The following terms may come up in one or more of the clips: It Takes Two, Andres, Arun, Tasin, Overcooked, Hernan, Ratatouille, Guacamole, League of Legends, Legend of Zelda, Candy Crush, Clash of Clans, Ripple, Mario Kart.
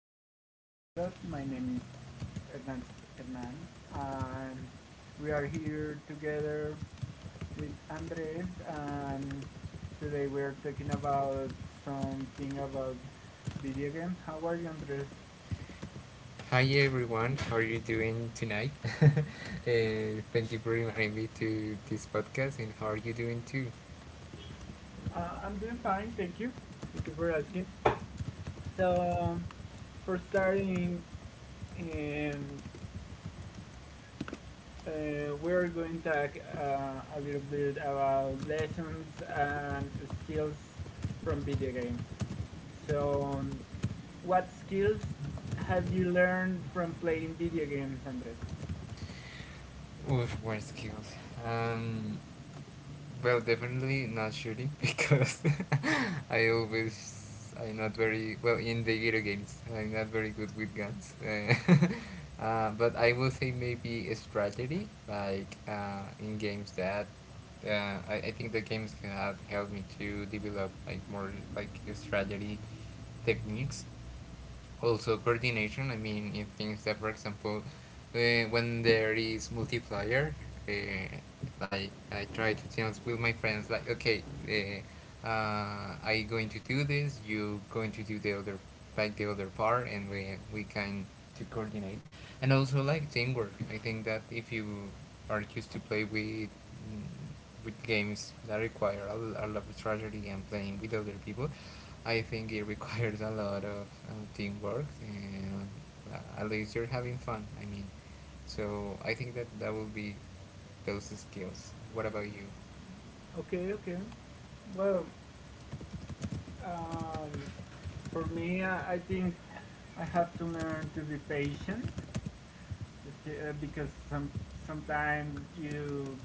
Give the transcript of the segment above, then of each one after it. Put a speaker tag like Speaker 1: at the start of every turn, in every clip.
Speaker 1: Welcome to our podcast. My name is Hernan, Hernan and we are here together with Andres. And today we are talking about something about video games. How are you, Andres?
Speaker 2: Hi everyone, how are you doing tonight? uh, thank you for inviting me to this podcast, and how are you doing too?
Speaker 1: I'm doing fine. Thank you. Thank you for asking. So, um, for starting, um, we're going to talk a little bit about lessons and skills from video games. So, um, what skills have you learned from playing video games, Andres?
Speaker 2: Oof, we're skilled. Um, Well, definitely not shooting because I'm not very well in the video games. I'm not very good with guns. But I will say maybe a strategy like in games that I think the games have helped me to develop like more like a strategy techniques, also coordination. I mean, in things that, for example, when there is multiplier, uh, like I try to tell with my friends like, okay, I going to do this, you going to do the other, like the other part, and we kind to coordinate, and also like teamwork. I think that if you are used to play with mm, with games that require a lot of strategy and playing with other people, I think it requires a lot of teamwork, and at least you're having fun. I mean, so I think that that will be those skills. What about you?
Speaker 1: Okay, okay. Well, um, for me, I think I have to learn to be patient, okay, because sometimes you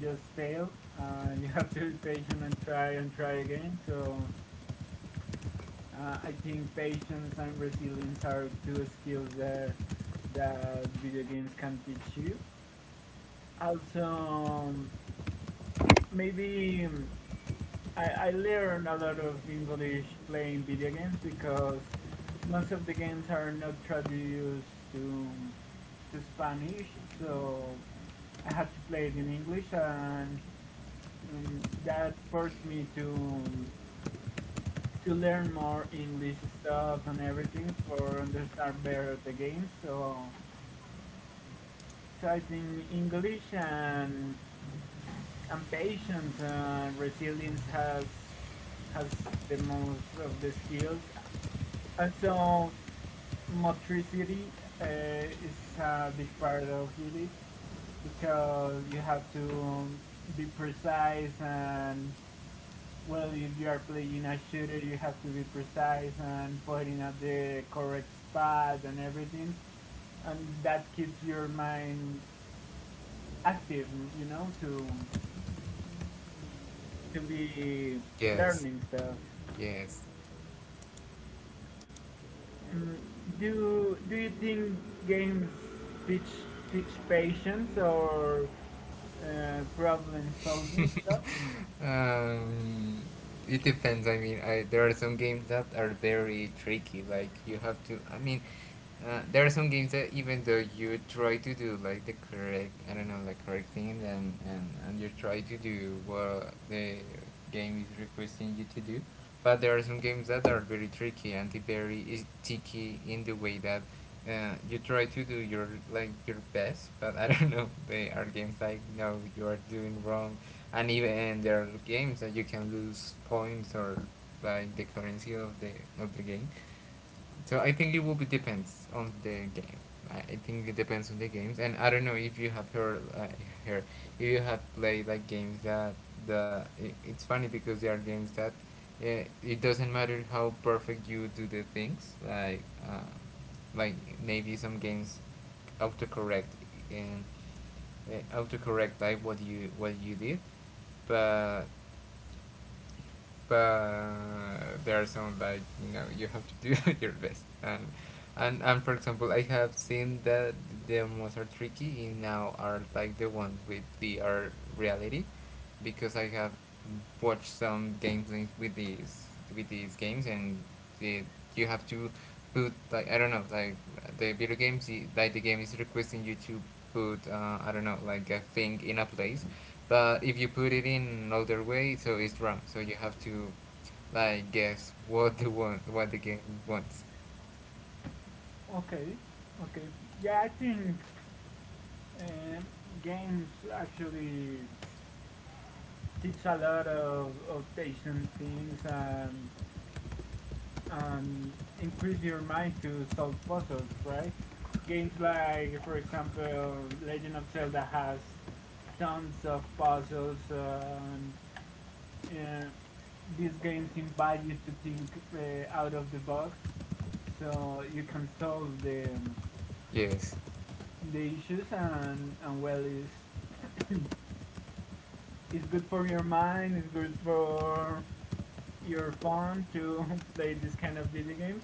Speaker 1: just fail. You have to be patient and try again. So I think patience and resilience are two skills that video games can teach you. Also, maybe I learned a lot of English playing video games because most of the games are not traduced to to Spanish, so I had to play it in English, and that forced me to learn more English stuff and everything for understand better the game. So I think English and patience and resilience has the most of the skills. Also, motricity is a big part of it because you have to be precise and well, if you are playing a shooter, you have to be precise and pointing at the correct spot and everything, and that keeps your mind active, you know, to be
Speaker 2: Yes,
Speaker 1: learning stuff.
Speaker 2: yes.
Speaker 1: Mm, do you think games teach teach patience or problem solving stuff?
Speaker 2: um, it depends. I mean, there are some games that are very tricky. Like you have to. I mean, there are some games that even though you try to do like the correct, I don't know, like correct thing, and you try to do what the game is requesting you to do, but there are some games that are very tricky and very tricky in the way that you try to do your best, but I don't know. They are games like, no, you are doing wrong, and even there are games that you can lose points or like the currency of the game. So I think it will be depends on the game. I think it depends on the games, and I don't know if you have heard if you have played like games that it's funny because there are games that it doesn't matter how perfect you do the things uh, like maybe some games autocorrect, and autocorrect like what you did, but there are some like, you know, you have to do your best, and for example, I have seen that the most are tricky in now are like the ones with VR reality, because I have watched some gameplays with these games, and the, you have to put like, I don't know, like the video games I- like the game is requesting you to put I don't know, like a thing in a place, but if you put it in another way, so it's wrong. So you have to like guess what the want, what the game wants.
Speaker 1: Okay, okay. Yeah, I think um games actually teach a lot of patient things and increase your mind to solve puzzles, right? Games like, for example, Legend of Zelda has tons of puzzles, and, and these games invite you to think out of the box so you can solve
Speaker 2: Yes,
Speaker 1: the issues, and well, it's, it's good for your mind, it's good for your phone to play this kind of video games.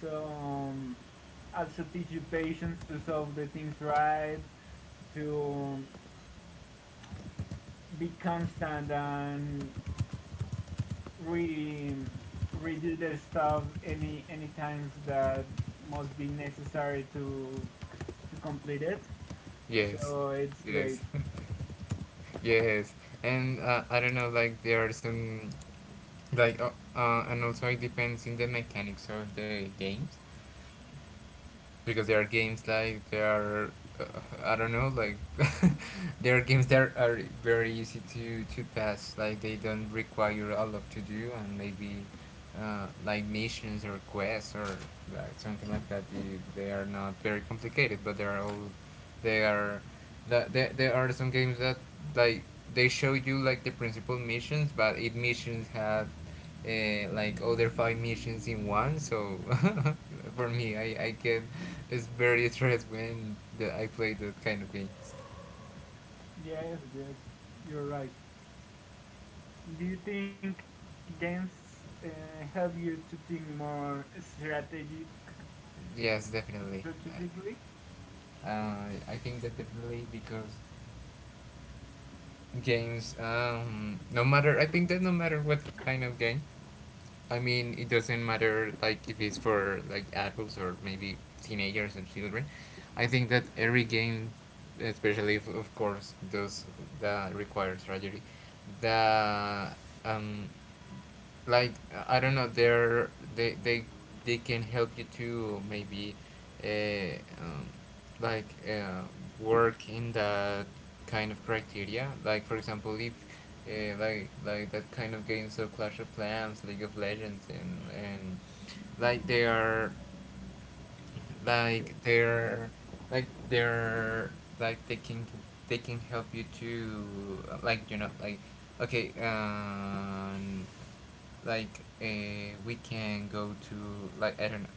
Speaker 1: So um, Also teach you patience to solve the things right, to be constant and re redo the stuff any times that must be necessary to complete it.
Speaker 2: yes,
Speaker 1: So it's
Speaker 2: yes,
Speaker 1: great.
Speaker 2: yes. And I don't know, like there are some like and also it depends in the mechanics of the games, because there are games like there are uh, I don't know, like there are games that are very easy to pass, like they don't require a lot to do, and maybe like missions or quests or like something like that. You, they are not very complicated, but they are all they are there are some games that like they show you like the principal missions, but it missions have like other five missions in one. So for me, I get it's very stressed when I play that kind of games.
Speaker 1: Yes, yes, you're right. Do you think games uh, help you to think more strategic
Speaker 2: Yes, definitely.
Speaker 1: strategically?
Speaker 2: I think that definitely, because games, no matter, I think that no matter what kind of game, I mean, it doesn't matter like if it's for like adults or maybe teenagers and children. I think that every game, especially if, of course, those that require strategy, the um, like, I don't know, they're they they they can help you to maybe uh, um, like uh, work in that kind of criteria. Like, for example, if that kind of games of Clash of Clans, League of Legends, and like they are like they're like they're like they can help you to like, you know, like, okay, like a we can go to like, I don't know,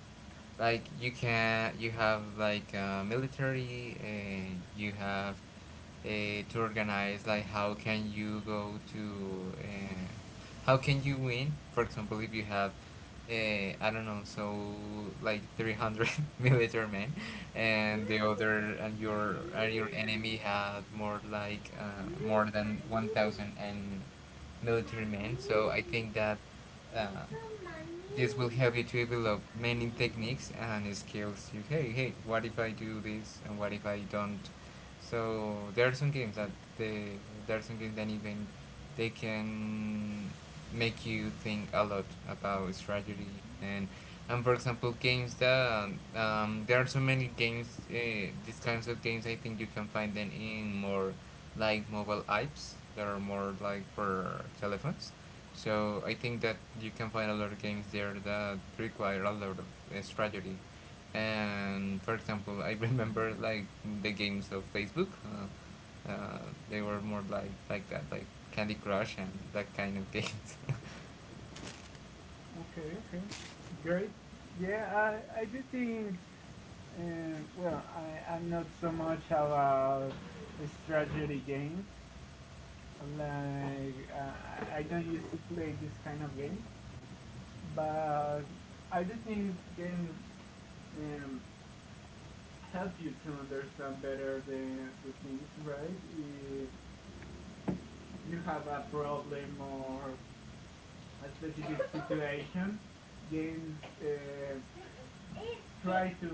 Speaker 2: like you can you have like military, and you have uh, to organize like how can you go to, uh, how can you win, for example, if you have uh, I don't know, so like 300 military men, and the other and
Speaker 1: Money,
Speaker 2: your
Speaker 1: mm,
Speaker 2: enemy had more like uh,
Speaker 1: money,
Speaker 2: more than
Speaker 1: money,
Speaker 2: 1,000 and military men. So I think that uh,
Speaker 1: little money,
Speaker 2: this will
Speaker 1: money.
Speaker 2: help you to develop many techniques and skills to, hey, hey, what if I do this and what if I don't? So there are some games that they there are some games that even they can make you think a lot about strategy. And for example, games that, there are so many games, these kinds of games, I think you can find them in more like mobile apps that are more like for telephones. So I think that you can find a lot of games there that require a lot of strategy, and for example, I remember like the games of Facebook, they were more like that, like Candy Crush and that kind of games.
Speaker 1: Okay, okay, great. Yeah, I do think, well, I, I'm not so much about strategy games. Like, I don't used to play this kind of games, but I do think games um, help you to understand better the things, right? Eh, you have a problem or a specific situation, games try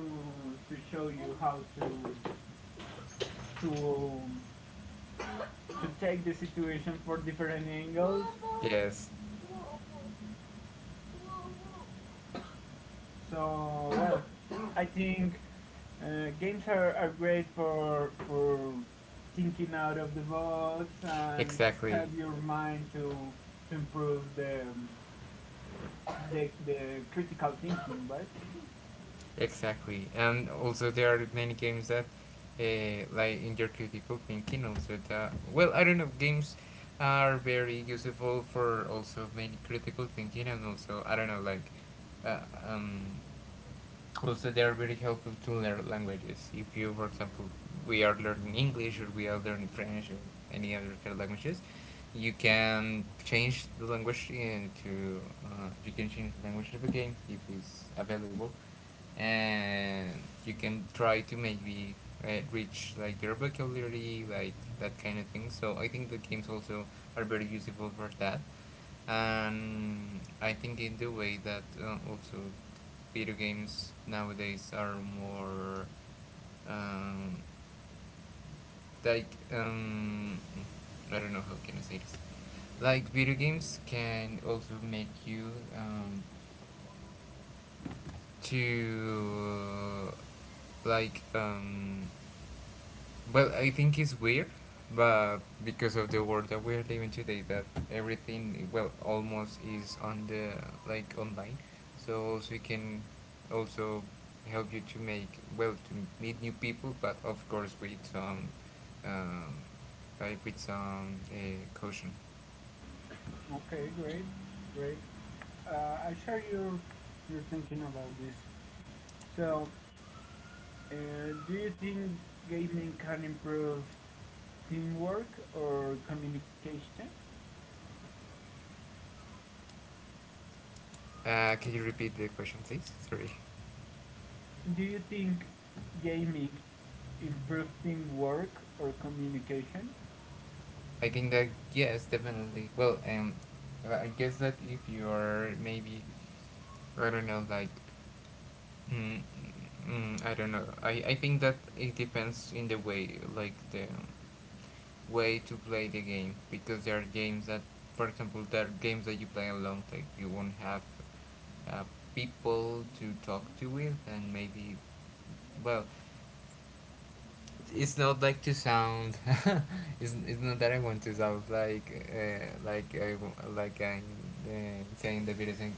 Speaker 1: to show you how to to um, to take the situation for different angles.
Speaker 2: Yes,
Speaker 1: So well, I think games are great for thinking out of the box and
Speaker 2: exactly.
Speaker 1: help your mind to improve the critical thinking, right?
Speaker 2: Exactly. And also, there are many games that like in your critical thinking, also. That, well, I don't know, games are very useful for also many critical thinking, and also I don't know, like uh, um also they are very helpful to learn languages. If you, for example, we are learning English, or we are learning French, or any other kind of languages, you can change the language into, you can change the language of a game if it's available, and you can try to maybe reach like your vocabulary, like that kind of thing. So I think the games also are very useful for that. And I think, in the way that, also, video games nowadays are more um, like um, I don't know, how can I say this? Like, video games can also make you um, to well, I think it's weird, but because of the world that we're living today, that everything, well, almost is on the like online, so also it can also help you to make, well, to meet new people, but of course with some, um, like with some caution.
Speaker 1: Okay, great, great. Uh, I share your thinking about this. So, uh, do you think gaming can improve teamwork or communication?
Speaker 2: Can you repeat the question, please? Sorry.
Speaker 1: Do you think gaming improve teamwork or communication?
Speaker 2: I think that, yes, definitely. Well, I guess that if you are maybe, I don't know, like Mm, I don't know. I think that it depends in the way to play the game, because there are games that, for example, there are games that you play alone, like you won't have uh, people to talk to with, and maybe, well, it's not like to sound it's not that I want to sound like like I'm uh, saying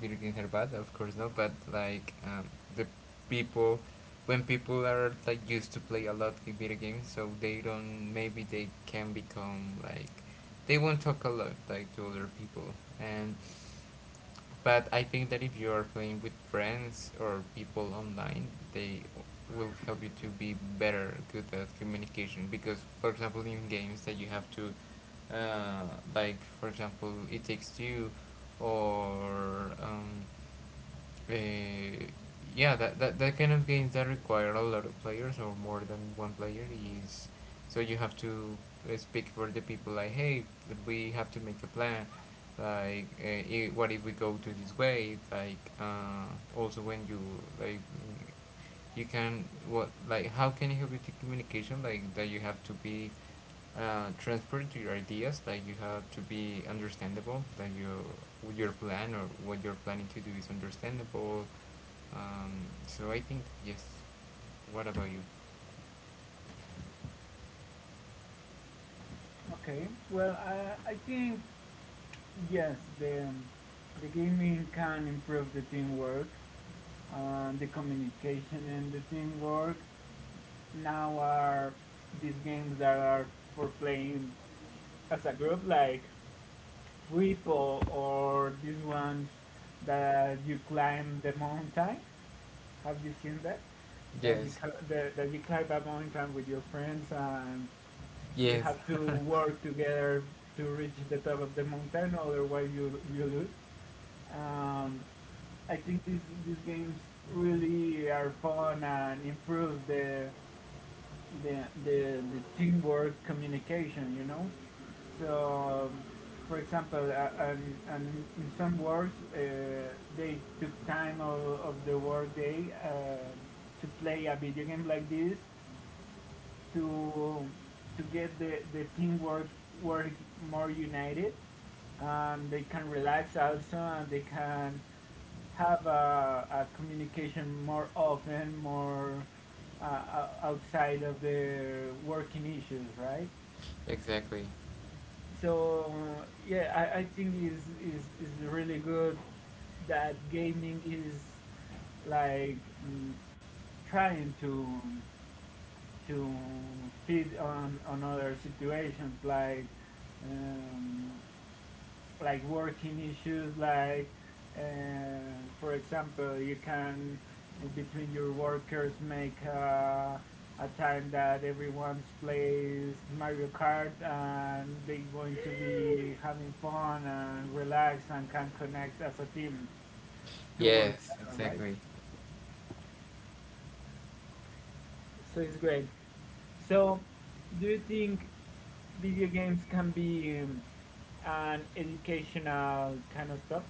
Speaker 2: video games are bad, of course not, but like, the people when people are like used to play a lot of video games, so they don't, maybe they can become like they won't talk a lot like to other people. And but I think that if you are playing with friends or people online, they will help you to be better good at communication. Because, for example, in games that you have to, uh, like, for example, It Takes Two or uh, yeah, that kind of games that require a lot of players or more than one player is, so you have to speak for the people like, hey, we have to make a plan, like what if we go to this way, like also when you like you can what like how can you help with the communication, like that you have to be transparent to your ideas, like you have to be understandable that your plan or what you're planning to do is understandable. um, so I think, yes. What about you?
Speaker 1: Okay. Well, I think yes. The gaming can improve the teamwork, the communication, and the teamwork now are these games that are for playing as a group, like Ripple or these ones that you climb the mountain. Have you seen that? That you
Speaker 2: Yes,
Speaker 1: cl- the, that you climb a mountain with your friends and you
Speaker 2: yes.
Speaker 1: have to work together to reach the top of the mountain, otherwise you you lose. Um, I think these games really are fun and improve the teamwork communication, you know, so for example and in some works they took time of the work day to play a video game like this to to get the teamwork work more united and they can relax also and they can have a communication more often, more uh, outside of their working issues, right?
Speaker 2: Exactly.
Speaker 1: So yeah, I think is really good that gaming is like mm, trying to fit on other situations um, like working issues like for example you can in between your workers make a time that everyone plays Mario Kart and they are going to be having fun and relax and can connect as a team to work
Speaker 2: Yes,
Speaker 1: better, right?
Speaker 2: exactly.
Speaker 1: So it's great. So do you think video games can be an educational kind of stuff?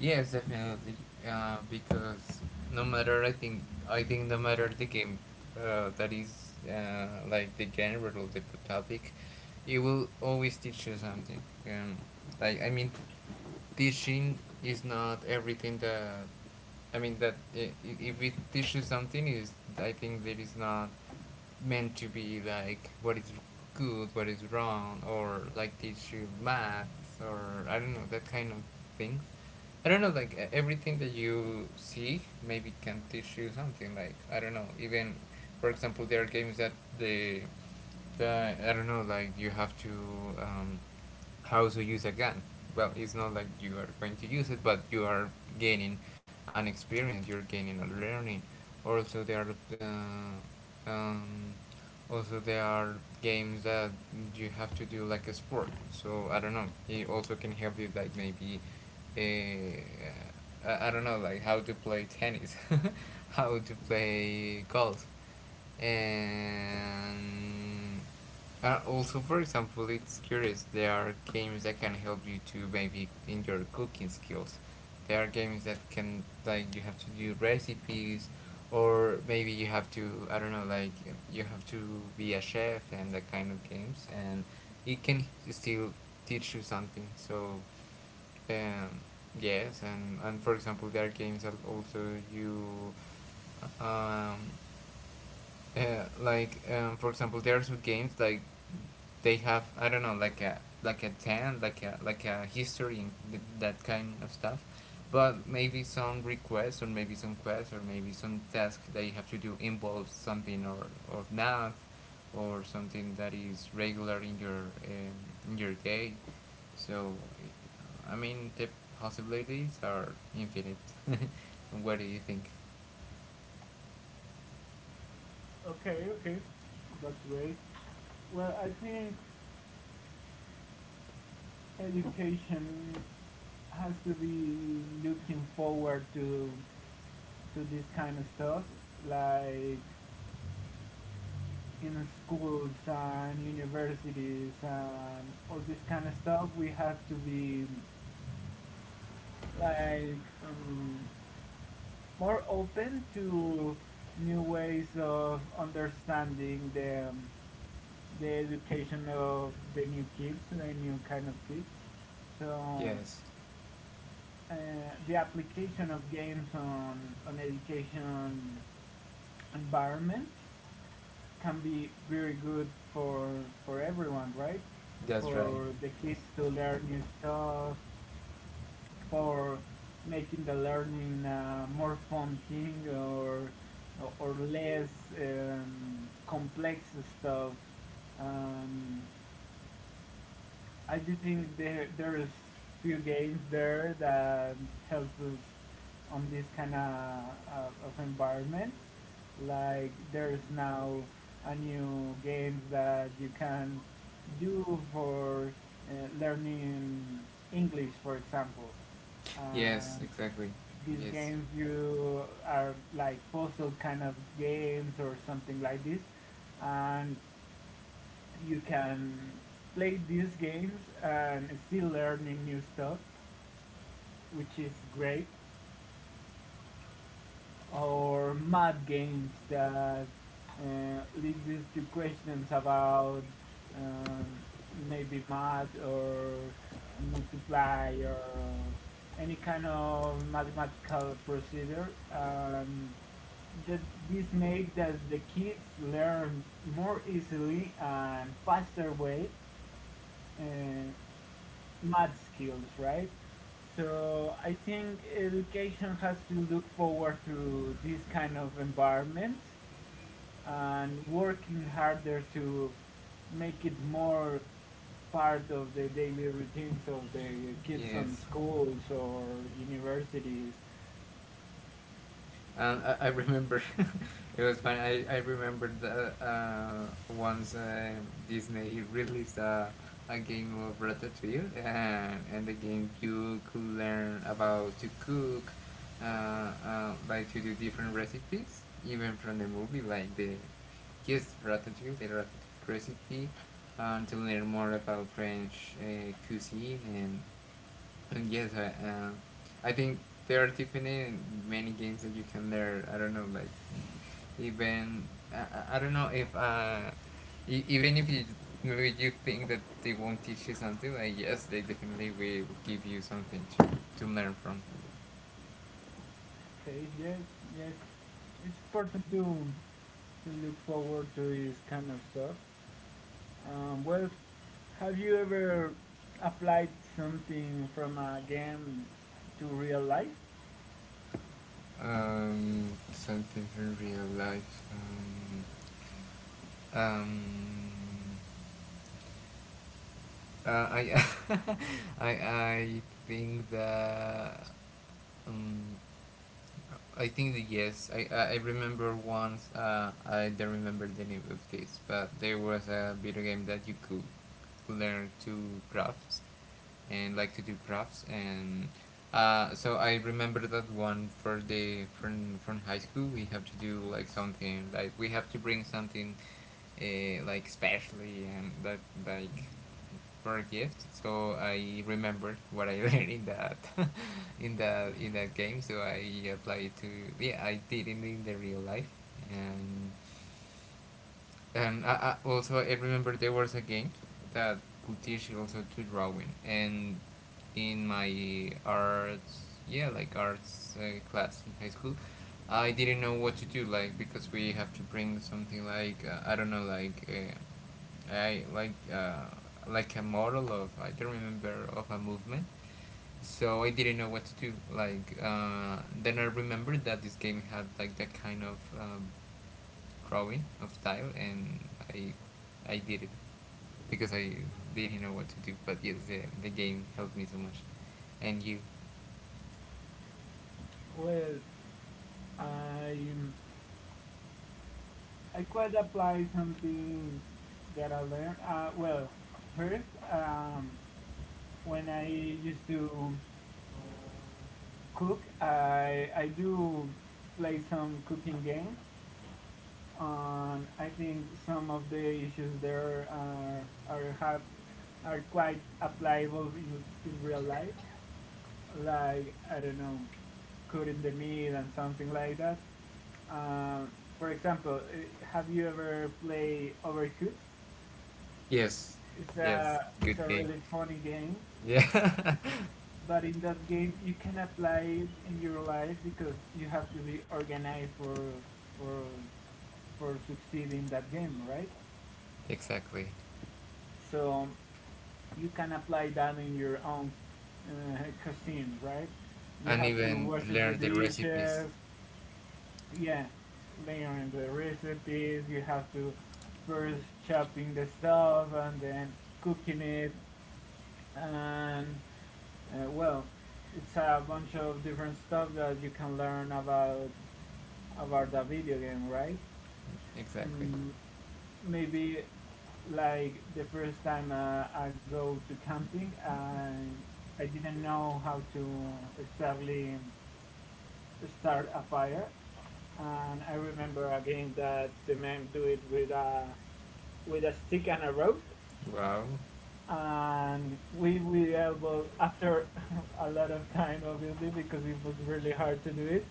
Speaker 2: Yes, definitely. Because no matter, I think no matter the game, that is like the genre or the topic, it will always teach you something. Um, like, I mean, teaching is not everything that. I mean that if it teaches something, is I think that is not meant to be like what is good, what is wrong, or like teach you math or I don't know, that kind of things. I don't know, like everything that you see maybe can teach you something. Like I don't know, even for example, there are games that the the I don't know, like you have to um, how to use a gun. Well, it's not like you are going to use it, but you are gaining an experience. You're gaining a learning. Also, there are uh, um, also there are games that you have to do like a sport, so I don't know, he also can help you like maybe eh, I don't know like how to play tennis, how to play golf, and also, for example, it's curious. There are games that can help you to maybe in your cooking skills. There are games that can, like you have to do recipes, or maybe you have to, I don't know, like you have to be a chef and that kind of games, and it can still teach you something. So, um, yes, and for example, there are games that also you um like for example, there are some games like they have, I don't know, like a tan like a history and that kind of stuff, but maybe some requests or maybe some quests or maybe some task that you have to do involves something, or math or something that is regular in your day. So I mean the possibilities are infinite. What do you think?
Speaker 1: Okay, okay, that's great. Well, I think education has to be looking forward to this kind of stuff, like in schools and universities and all this kind of stuff. We have to be like um, more open to new ways of understanding the education of the new kids, the new kind of kids. So
Speaker 2: Yes,
Speaker 1: uh, the application of games on education environment can be very good for everyone, right?
Speaker 2: that's right.
Speaker 1: For the kids to learn new stuff, for making the learning more fun thing or less complex stuff. Um, I do think there there is few games there that help us on this kind of environments. Like there's now a new games that you can do for uh, learning English, for example.
Speaker 2: Yes,
Speaker 1: Um,
Speaker 2: exactly.
Speaker 1: these
Speaker 2: Yes,
Speaker 1: games you are like puzzle kind of games or something like this, and you can play these games and still learning new stuff, which is great. Or math games that lead you to questions about um, maybe math or multiply or any kind of mathematical procedure. That this make that the kids learn more easily and faster way. Uh, math skills, right? So I think education has to look forward to this kind of environment and working harder to make it more part of the daily routines of the kids on
Speaker 2: yes.
Speaker 1: schools or universities.
Speaker 2: And I remember, it was fun. I remember the once Disney released a game of Ratatouille, and the game you could learn about to cook, like to do different recipes, even from the movie, like the just Ratatouille, the Ratatouille recipe, and to learn more about French cuisine and yes, I think there are definitely many games that you can learn. I don't know, like even I don't know if even if you maybe you think that they won't teach you something, like yes, they definitely will give you something to learn from.
Speaker 1: Okay, yes, yes. It's important to look forward to this kind of stuff. Well, have you ever applied something from a game to real life?
Speaker 2: Something from real life. Um, I I I think that. Um, I think that yes, I remember once, I don't remember the name of this, but there was a video game that you could learn to crafts and like to do crafts, and so I remember that one. For the, from high school, we have to do like something, like we have to bring something like specially, and that like for a gift. So I remembered what I learned in that in that game. So I applied to, yeah, I did it in the real life. and and I also, I remember there was a game that could teach you also to drawing, and in my arts, yeah, like arts class in high school, I didn't know what to do, like because we have to bring something like, I don't know, like I like a model of I don't remember of a movement, so I didn't know what to do. Like then I remembered that this game had like that kind of drawing of tile, and I I did it because I didn't know what to do. But yes, the game helped me so much. And you?
Speaker 1: Well, I I quite apply something that I learned. Well, first, when I used to cook, I do play some cooking games. I think some of the issues there are quite applicable in real life. Like I don't know, cutting the meat and something like that. Um, for example, have you ever played Overcooked?
Speaker 2: Yes, yes, good
Speaker 1: It's a
Speaker 2: game.
Speaker 1: really funny game,
Speaker 2: Yeah,
Speaker 1: but in that game you can apply it in your life because you have to be organized for for succeeding that game, right?
Speaker 2: exactly.
Speaker 1: So you can apply that in your own cuisine, right? You
Speaker 2: And
Speaker 1: have to
Speaker 2: even
Speaker 1: wash the
Speaker 2: learn the recipes.
Speaker 1: dishes, yeah, learn the recipes. You have to first chopping the stuff and then cooking it and well, it's a bunch of different stuff that you can learn about the video game, right?
Speaker 2: Exactly.
Speaker 1: mm, Maybe like the first time I go to camping i didn't know how to exactly start a fire and I remember a game that the man do it with a stick and a rope,
Speaker 2: Wow,
Speaker 1: and we were after a lot of time, obviously, because it was really hard to do it.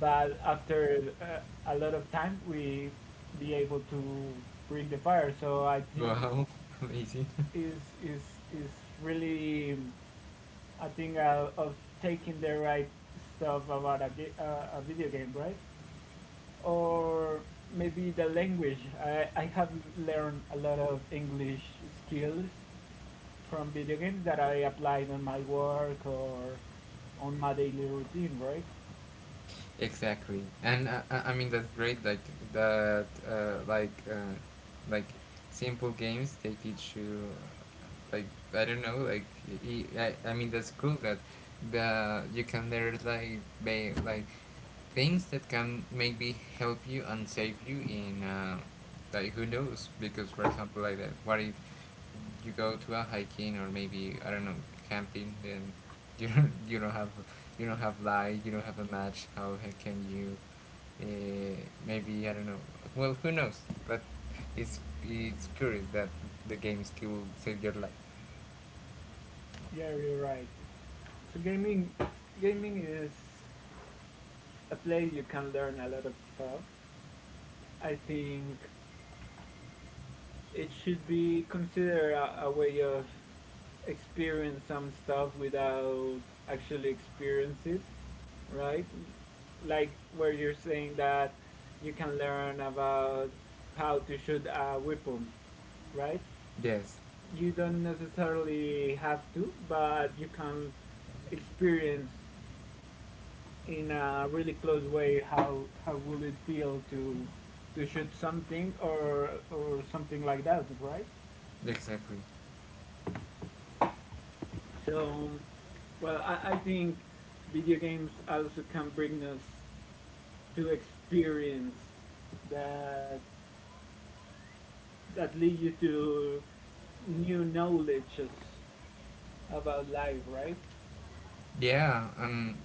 Speaker 1: But after a lot of time, we be able to bring the fire. So I think
Speaker 2: wow, amazing.
Speaker 1: is is is really I think of taking the right stuff about a video game, right? Or maybe the language. I have learned a lot of English skills from video games that I applied on my work or on my daily routine, right?
Speaker 2: Exactly, and I mean that's great. Like that, like simple games they teach you. Like I don't know, like I mean that's cool that the you can learn like like things that can maybe help you and save you in like who knows, because for example, like that, what if you go to a hiking or maybe I don't know camping, then you don't you don't have, you don't have light, you don't have a match, how can you uh, maybe I don't know, well who knows, but it's curious that the game skill save your life.
Speaker 1: Yeah, you're right. So gaming, gaming is a place you can learn a lot of stuff. I think it should be considered a way of experience some stuff without actually experience it, right? Like where you're saying that you can learn about how to shoot a weapon, right?
Speaker 2: Yes,
Speaker 1: You don't necessarily have to, but you can experience in a really close way how will it feel to shoot something or something like that, right?
Speaker 2: exactly.
Speaker 1: So well, I think video games also can bring us to experience that that lead you to new knowledges about life, right?
Speaker 2: Yeah,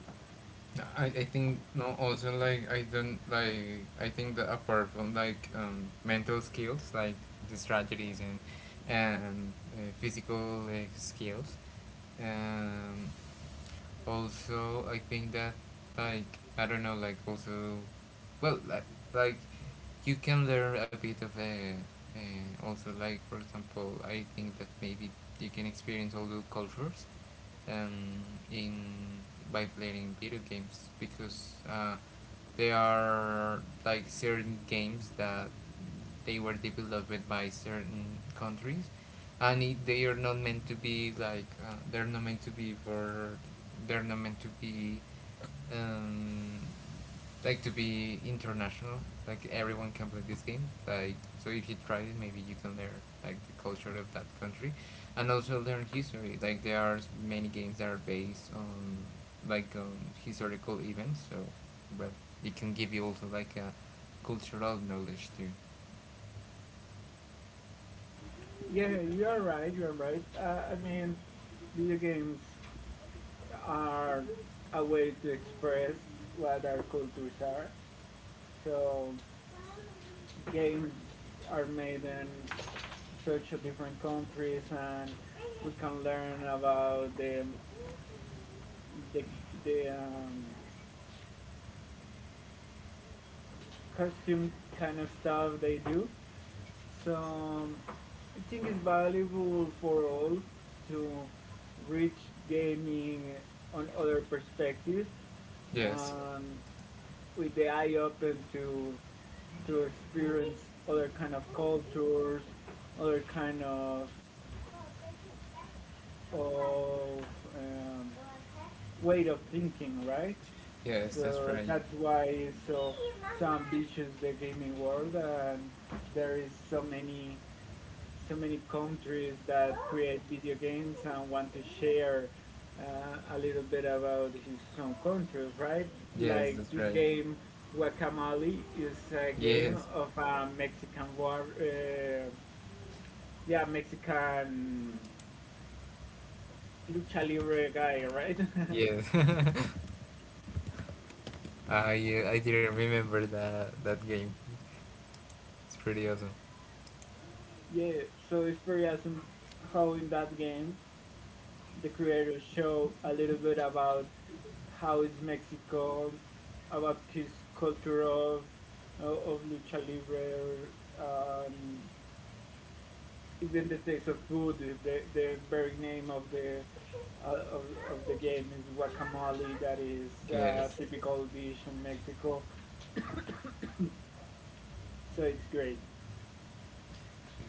Speaker 2: I think no, also like I don't like I think that apart from like mental skills like the strategies and physical like, skills, um, also I think that like I don't know like also well like you can learn a bit of a, also like for example I think that maybe you can experience all the cultures um in by playing video games, because there are like certain games that they were developed by certain countries, and it, they are not meant to be like they're not meant to be for they're not meant to be um, like to be international. Like everyone can play this game. Like so, if you try it, maybe you can learn like the culture of that country, and also learn history. Like there are many games that are based on like on historical events. So, well, it can give you also like a cultural knowledge too.
Speaker 1: Yeah, you're right. You're right. I mean, video games are a way to express what our cultures are. So games are made in such a different countries, and we can learn about the, the costume kind of stuff they do. So I think it's valuable for all to reach gaming on other perspectives
Speaker 2: Yes.
Speaker 1: um, with the eye open to experience other kind of cultures, other kind of um, way of thinking, right?
Speaker 2: Yes, that's
Speaker 1: So
Speaker 2: right.
Speaker 1: that's why it's so so ambitious the gaming world, and there is so many so many countries that create video games and want to share uh, a little bit about his own country, right?
Speaker 2: Yes,
Speaker 1: Like
Speaker 2: that's
Speaker 1: this
Speaker 2: right.
Speaker 1: game, Guacamole, is a game
Speaker 2: Yes.
Speaker 1: of a Mexican war, yeah, Mexican lucha libre guy, right?
Speaker 2: Yes. Ah, yeah, I didn't remember that that game. It's pretty awesome.
Speaker 1: yeah, so it's pretty awesome how in that game the creators show a little bit about how is Mexico about his culture of lucha libre, um, even the taste of food. The very name uh, of, of the game is guacamole. That is a
Speaker 2: Yes.
Speaker 1: typical dish in Mexico, so it's great.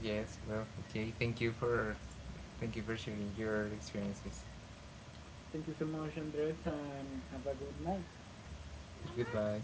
Speaker 2: Yes. Well. Okay. Thank you for sharing your experiences.
Speaker 1: Thank you so much, Andres, and have a good night. Mama.
Speaker 2: Goodbye.